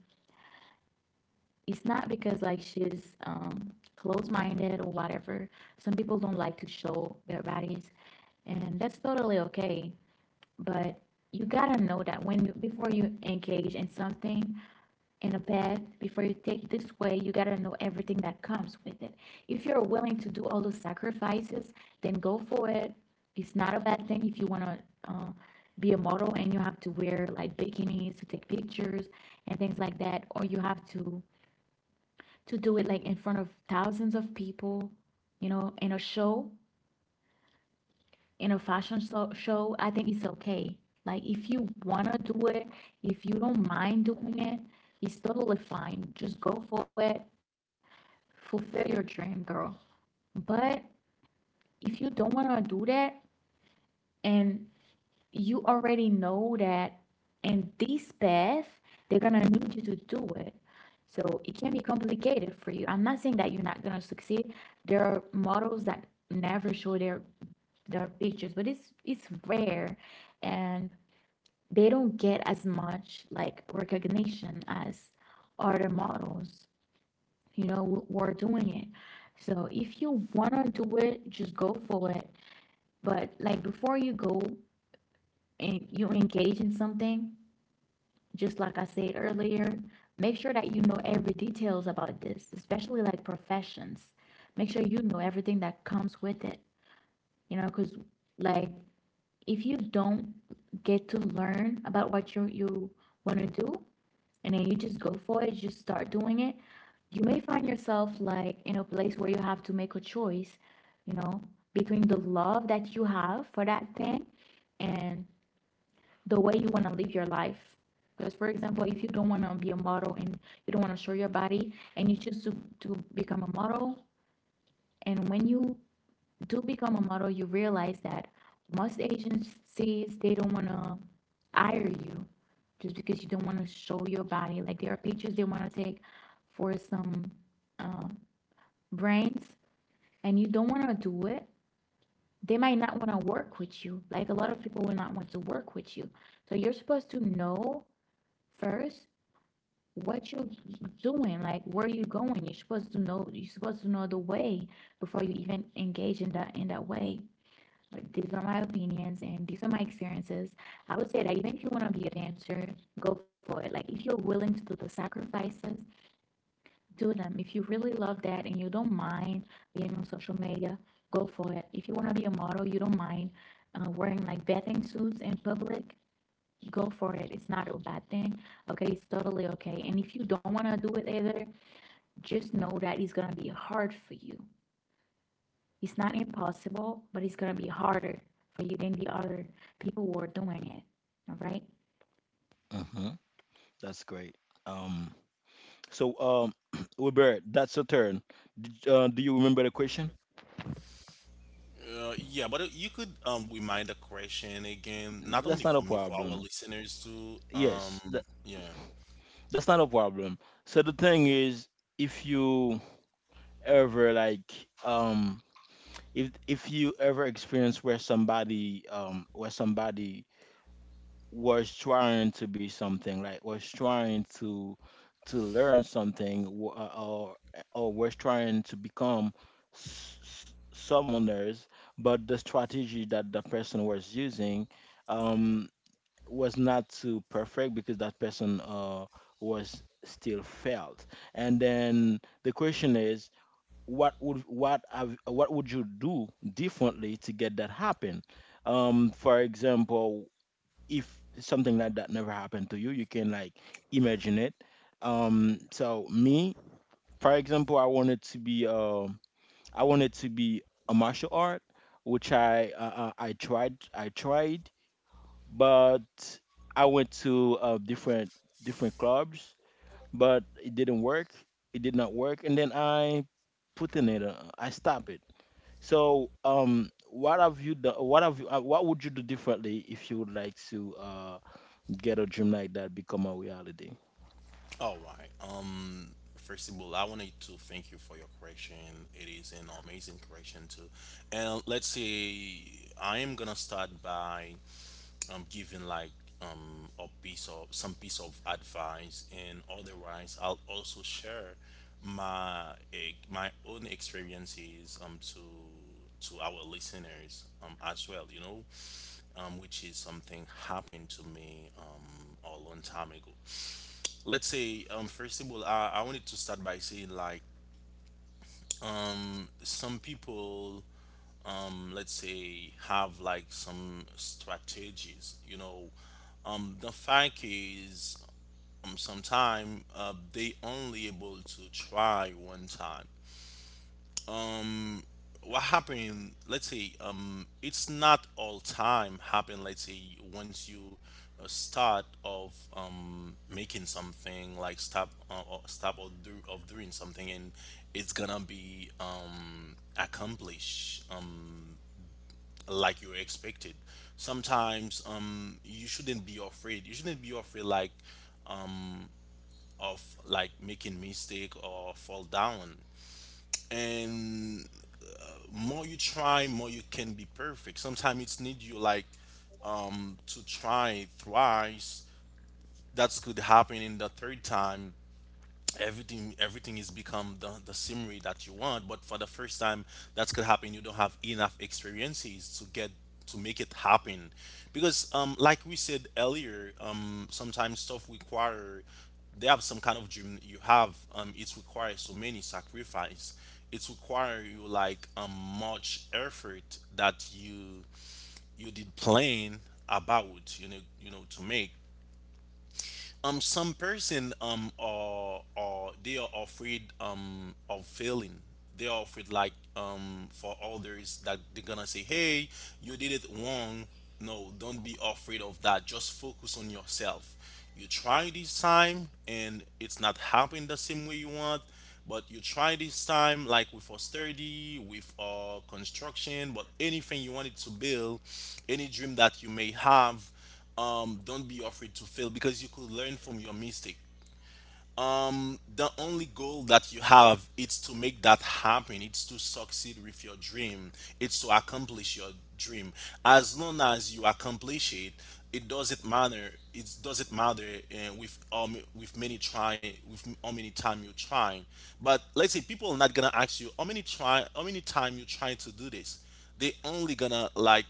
It's not because, like, she's closed-minded or whatever. Some people don't like to show their bodies, and that's totally okay. But you gotta know that before you engage in something, in a path, before you take this way, you gotta know everything that comes with it. If you're willing to do all those sacrifices, then go for it. It's not a bad thing if you want to uh, be a model and you have to wear like bikinis to take pictures and things like that, or you have to do it like in front of thousands of people, you know, in a show, in a fashion show, I think it's okay. Like, if you wanna do it, if you don't mind doing it, it's totally fine. Just go for it. Fulfill your dream, girl. But if you don't wanna do that, and you already know that in this path they're gonna need you to do it. So it can be complicated for you. I'm not saying that you're not gonna succeed. There are models that never show their pictures, but it's rare, and they don't get as much, like, recognition as other models, you know are doing it. So if you want to do it, just go for it. But like, before you go and you engage in something, just like I said earlier, make sure that you know every details about this, especially like professions. Make sure you know everything that comes with it, you know, because, like, if you don't get to learn about what you want to do, and then you just go for it, just start doing it, you may find yourself like in a place where you have to make a choice, you know, between the love that you have for that thing and the way you want to live your life. Because, for example, if you don't want to be a model and you don't want to show your body and you choose to become a model, and when you do become a model, you realize that most agencies, they don't want to hire you just because you don't want to show your body. Like there are pictures they want to take for some uh, brands, and you don't want to do it. They might not want to work with you. Like a lot of people will not want to work with you. So you're supposed to know first what you're doing, like where you're going. You're supposed to know. You're supposed to know the way before you even engage in that way. Like, these are my opinions and these are my experiences. I would say that even if you want to be a dancer, go for it. Like, if you're willing to do the sacrifices, do them. If you really love that and you don't mind being on social media, go for it. If you want to be a model, you don't mind wearing like bathing suits in public, go for it. It's not a bad thing. Okay, it's totally okay. And if you don't want to do it either, just know that it's going to be hard for you. It's not impossible, but it's gonna be harder for you than the other people who are doing it. All right. Mm-hmm. That's great. Um, so, um, Robert, that's your turn. Did, do you remember the question? Yeah, but you could remind the question again, not only That's for not a me, for our problem. listeners too. Yes, that, Yeah. that's not a problem. So the thing is, if you ever like, if you ever experience where somebody was trying to be something, like was trying to learn something, or was trying to become someone else, but the strategy that the person was using, um, was not too perfect because that person, was still failed. And then the question is, what would, what have, what would you do differently to get that happen? For example, if something like that never happened to you, you can, like, imagine it. So me, for example, I wanted to be, I wanted to be a martial art, which I, I tried, I tried, but I went to different different clubs, but it didn't work. It did not work, and then I put in it. I stopped it. So what have you done? What have you? What would you do differently if you would like to, uh, ghetto dream like that become a reality? All right. First of all, I wanted to thank you for your question. It is an amazing question too. And let's say I am gonna start by giving like a piece of some piece of advice, and otherwise I'll also share my my own experiences to our listeners as well, you know, which is something happened to me a long time ago. Let's say, first of all, I wanted to start by saying like some people let's say have like some strategies, you know. The fact is, sometime they only able to try one time. What happened, let's say, it's not all time happen. Let's say, once you start of making something, like stop or stop or do of doing something, and it's gonna be accomplished like you expected. Sometimes you shouldn't be afraid, you shouldn't be afraid like of like making mistake or fall down. And more you try, more you can be perfect. Sometimes it's need you like to try thrice, that's could happen in the third time. Everything is become the scenery that you want, but for the first time, that's gonna happen, you don't have enough experiences to get to make it happen. Because like we said earlier, sometimes stuff require, they have some kind of dream you have, it requires so many sacrifice, it require you like much effort that you did plan about, you know, to make some person are they are afraid of failing, they are afraid like for others that they're gonna say, "Hey, you did it wrong." No, don't be afraid of that, just focus on yourself. You try this time and it's not happening the same way you want, but you try this time like with austerity, with construction, but anything you wanted to build, any dream that you may have, don't be afraid to fail, because you could learn from your mistake. The only goal that you have is to make that happen, it's to succeed with your dream, it's to accomplish your dream. As long as you accomplish it, it doesn't matter, it doesn't matter with many try, with how many time you try. But let's say people are not gonna ask you how many try, how many time you trying to do this. They only gonna like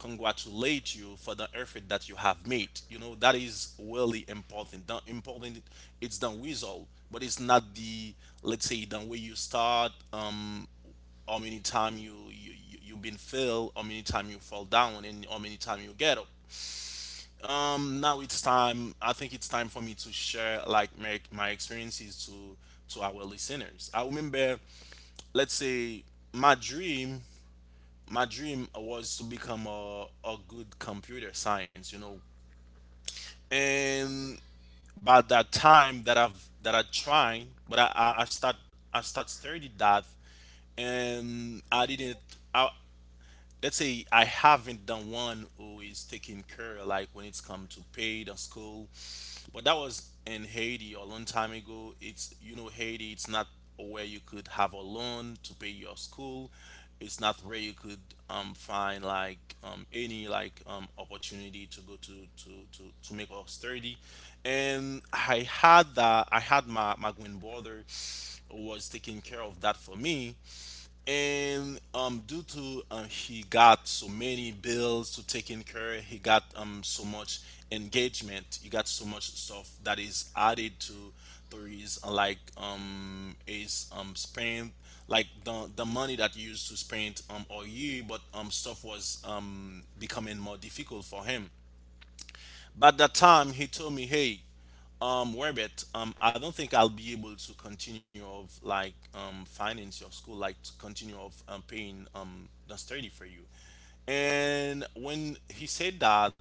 congratulate you for the effort that you have made. You know, that is really important. The important It's the result, but it's not the, let's say, the way you start, how many time you- you've been failed, how many time you fall down, and how many time you get up. Now it's time, I think it's time for me to share like my experiences to our listeners. I remember, let's say, my dream my dream was to become a good computer science, you know. And by that time that I've that I tried, but I start studying that. And I didn't I, let's say I haven't done one who is taking care, like when it's come to paid or school. But that was in Haiti a long time ago. It's you know Haiti. It's not where you could have a loan to pay your school. It's not where you could find like any like opportunity to go to make us sturdy. And I had that. I had my twin brother who was taking care of that for me, and due to he got so many bills to take in care. He got so much engagement, he got so much stuff that is added to his like his spend, like the money that he used to spend all year, but stuff was becoming more difficult for him. But that time he told me, "Hey, Werbet, I don't think I'll be able to continue of like finance your school, like to continue of paying the study for you." And when he said that,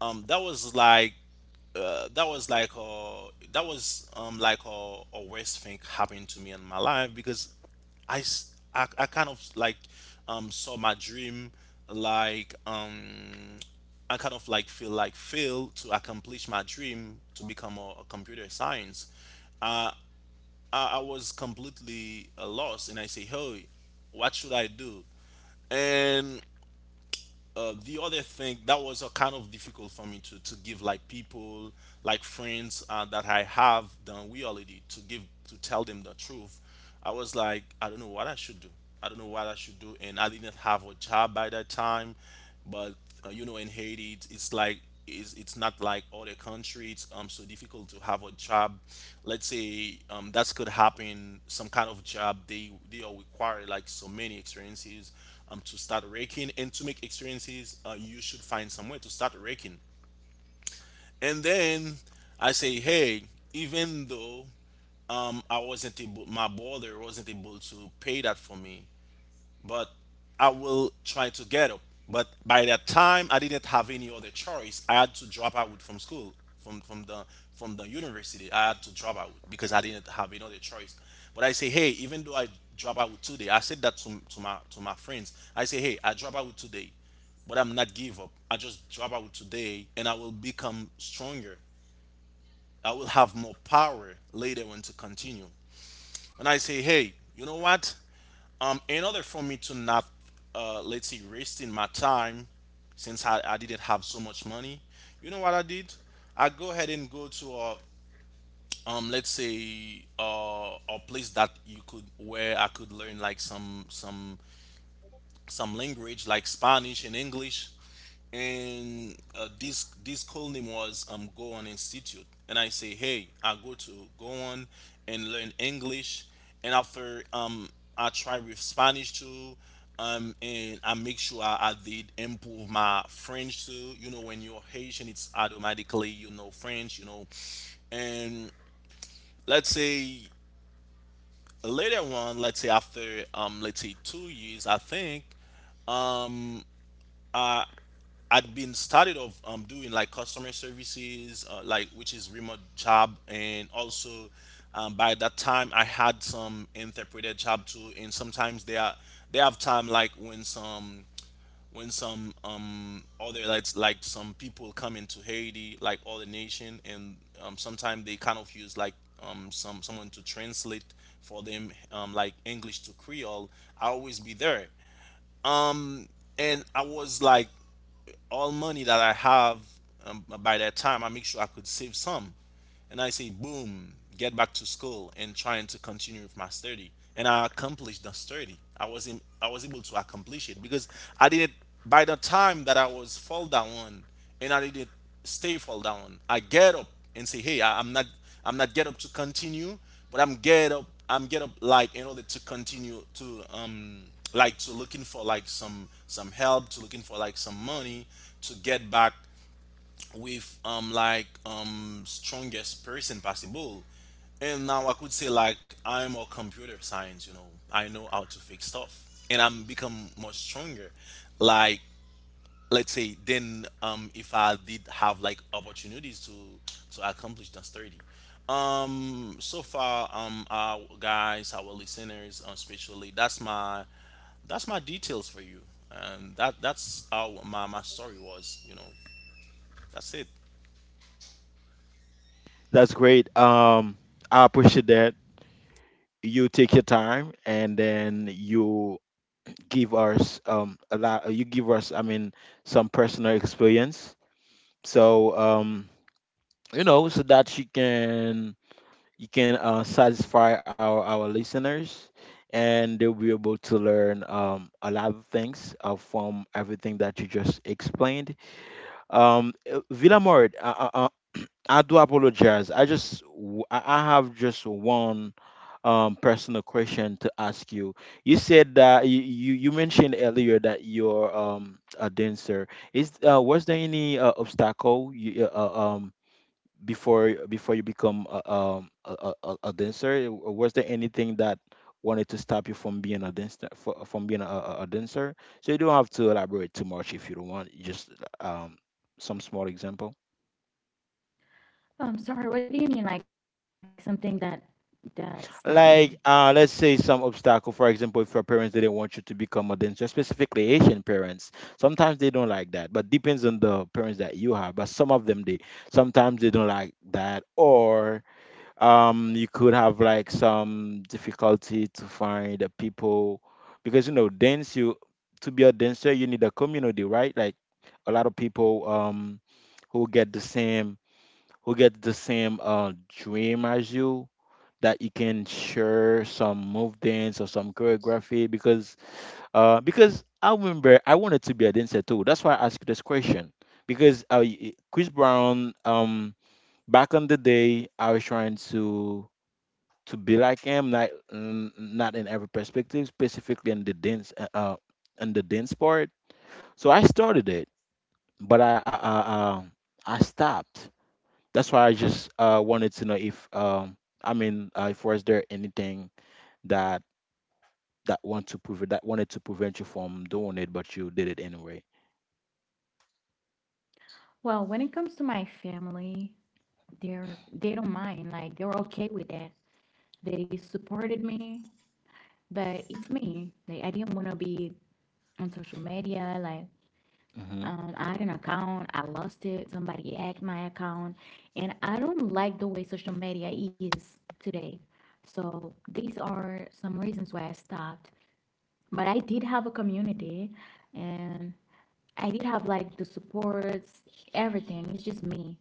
um, that was like uh, that was like uh that was like a worst thing happened to me in my life, because I kind of like saw my dream, like um I kind of like feel like failed to accomplish my dream to become a computer science. Uh, I was completely lost, and I say, hey, what should I do? And the other thing that was kind of difficult for me to give like people, like friends that I have done we already to give to tell them the truth. I was like, I don't know what I should do. I don't know what I should do, and I didn't have a job by that time. But you know, in haiti it's like it's not like other countries. It's so difficult to have a job. Let's say that could happen some kind of job, they are required like so many experiences to start raking, and to make experiences you should find somewhere to start raking. And then I say, hey, even though I wasn't able my brother wasn't able to pay that for me, but I will try to get up. But by that time, I didn't have any other choice. I had to drop out from school, from from the university. I had to drop out because I didn't have another choice. But I say, hey, even though I drop out today, I said that to to my friends. I say, hey, I drop out today, but I'm not give up. I just drop out today, and I will become stronger. I will have more power later on to continue. And I say, hey, you know what? In order for me to not let's say wasting my time, since I didn't have so much money, you know what I did? I go ahead and go to a let's say a place that you could, where I could learn like some language like Spanish and English. And this this call name was Go On Institute. And I say, hey, I go to Go On and learn English, and after I try with Spanish too, and I make sure I did improve my French too. You know, when you're Haitian, it's automatically you know French, you know. And let's say later on, let's say after let's say 2 years, I think I'd been started of doing like customer services, like, which is remote job. And also by that time I had some interpreted job too. And sometimes they are, they have time like when some other like some people come into Haiti, like all the nation, and sometimes they kind of use like someone to translate for them like English to Creole. I always be there. And I was like, all money that I have by that time, I make sure I could save some. And I say, boom, get back to school and trying to continue with my study. And I accomplished the study. I was able to accomplish it because I did it. By the time that I was fall down one, and I did it stay fall down, I get up and say, hey, I'm not, I'm not get up to continue, but I'm get up, like in order to continue to like to looking for like some help, to looking for like some money, to get back with strongest person possible. And now I could say like I'm a computer science, you know. I know how to fix stuff. And I'm become more stronger. Like, let's say then if I did have like opportunities to accomplish those study, so far, our guys, our listeners, especially, that's my details for you. And that's how my, my story was, you know. That's it. That's great. I appreciate that you take your time and then you give us a lot. You give us, I mean, some personal experience. So you know, so that you can, you can satisfy our listeners, and they'll be able to learn a lot of things from everything that you just explained. Villa Mort, I do apologize. I just I have just one personal question to ask you. You said that you mentioned earlier that you're a dancer. Is was there any obstacle you, before, before you become a, a dancer? Was there anything that wanted to stop you from being a dancer, from being a dancer? So you don't have to elaborate too much if you don't want. Just um some small example. Sorry. What do you mean, like something that stopped me? Like let's say some obstacle. For example, if your parents didn't want you to become a dancer, specifically Asian parents, sometimes they don't like that, but depends on the parents that you have. But some of them they sometimes they don't like that. Or um, you could have like some difficulty to find the people, because you know, dance, you, to be a dancer you need a community, right? Like a lot of people who get the same, who get the same dream as you, that you can share some move dance or some choreography. Because uh, because I remember I wanted to be a dancer too. That's why I asked you this question, because Chris Brown um, back on the day, I was trying to be like him, like mm, not in every perspective, specifically in the dance part. So I started it, but I stopped. That's why I just wanted to know if um, I mean if was there anything that that want to prevent, that wanted to prevent you from doing it, but you did it anyway. Well, when it comes to my family, they don't mind. Like they're okay with that. They supported me, but it's me. Like I didn't wanna be on social media. Like, Hmm. um, I had an account, I lost it, somebody hacked my account, and I don't like the way social media is today. So these are some reasons why I stopped. But I did have a community and I did have like the supports, everything. It's just me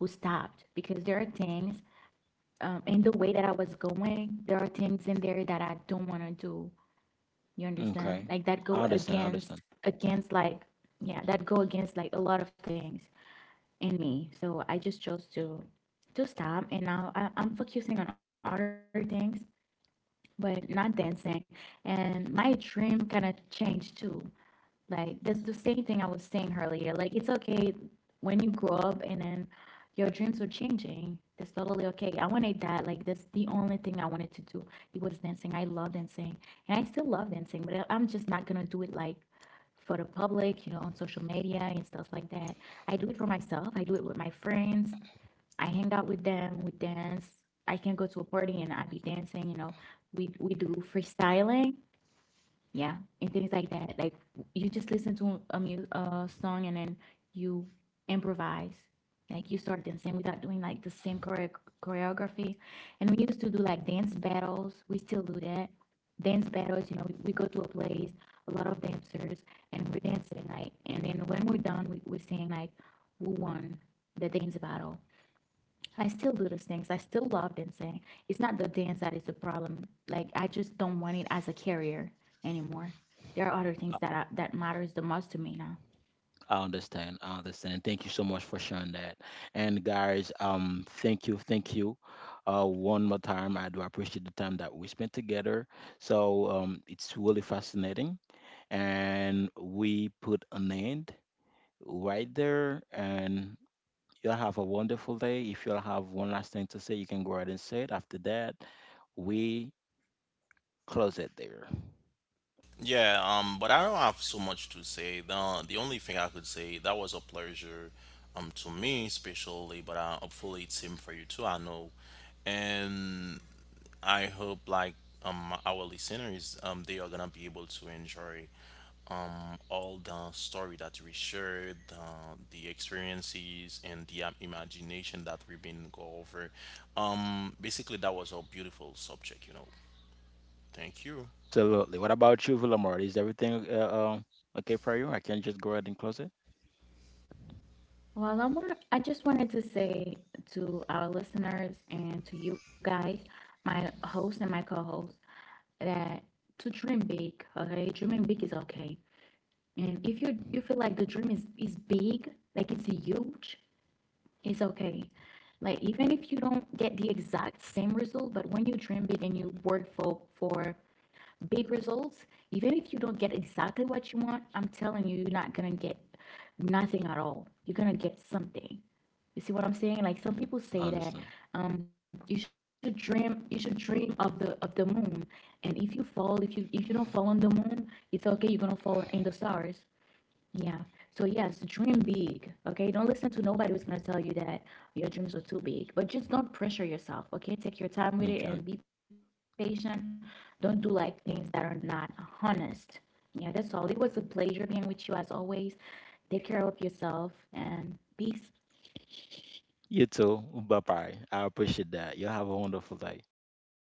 who stopped because there are things in the way that I was going, there are things in there that I don't want to do. You understand? Okay, Like that I go understand. I understand. against like, yeah, that go against like a lot of things in me. So I just chose to stop, and now I'm focusing on other things, but not dancing. And my dream kind of changed too. Like that's the same thing I was saying earlier. Like it's okay when you grow up and then your dreams are changing. That's totally okay. I wanted that. Like that's the only thing I wanted to do. It was dancing. I love dancing, and I still love dancing. But I'm just not gonna do it like for the public, you know, on social media and stuff like that. I do it for myself. I do it with my friends. I hang out with them. We dance. I can go to a party and I be dancing. You know, we do freestyling, yeah, and things like that. Like you just listen to a a song, and then you improvise, like you start dancing without doing like the same choreography. And we used to do like dance battles. We still do that, dance battles, you know. We go to a place, a lot of dancers, and we're dancing like, and then when we're done, we're saying like who won the dance battle. I still do those things. I still love dancing. It's not the dance that is the problem. Like I just don't want it as a career anymore. There are other I things that I, that matters the most to me now. I understand. I understand. Thank you so much for sharing that. And guys, thank you, thank you. One more time, I do appreciate the time that we spent together. So it's really fascinating, and we put an end right there. And you'll have a wonderful day. If you'll have one last thing to say, you can go ahead and say it. After that, we close it there. Yeah, but I don't have so much to say. The only thing I could say, that was a pleasure, to me especially, but hopefully it's same for you too. I know. And I hope like our listeners, they are gonna be able to enjoy all the story that we shared, the experiences, and the imagination that we've been go over. Basically that was a beautiful subject, you know. Thank you. Absolutely. What about you, Villamar? Is everything um, okay for you? I can just go ahead and close it? Well, I just wanted to say to our listeners and to you guys, my host and my co-host, that to dream big. Okay, dreaming big is okay. And if you feel like the dream is big, like it's huge, it's okay. Like even if you don't get the exact same result, but when you dream big and you work for big results, even if you don't get exactly what you want, I'm telling you, you're not gonna get nothing at all. You're gonna get something. You see what I'm saying? Like some I people say understand. that you should dream of the moon, and if you fall, if you don't fall on the moon, it's okay. You're gonna fall in the stars. Yeah. So yes, dream big. Okay. Don't listen to nobody who's gonna tell you that your dreams are too big. But just don't pressure yourself. Okay. Take your time with Okay. it and be patient. Don't do like things that are not honest. Yeah, that's all. It was a pleasure being with you as always. Take care of yourself and peace. You too. Bye bye. I appreciate that. You have a wonderful day. Ah.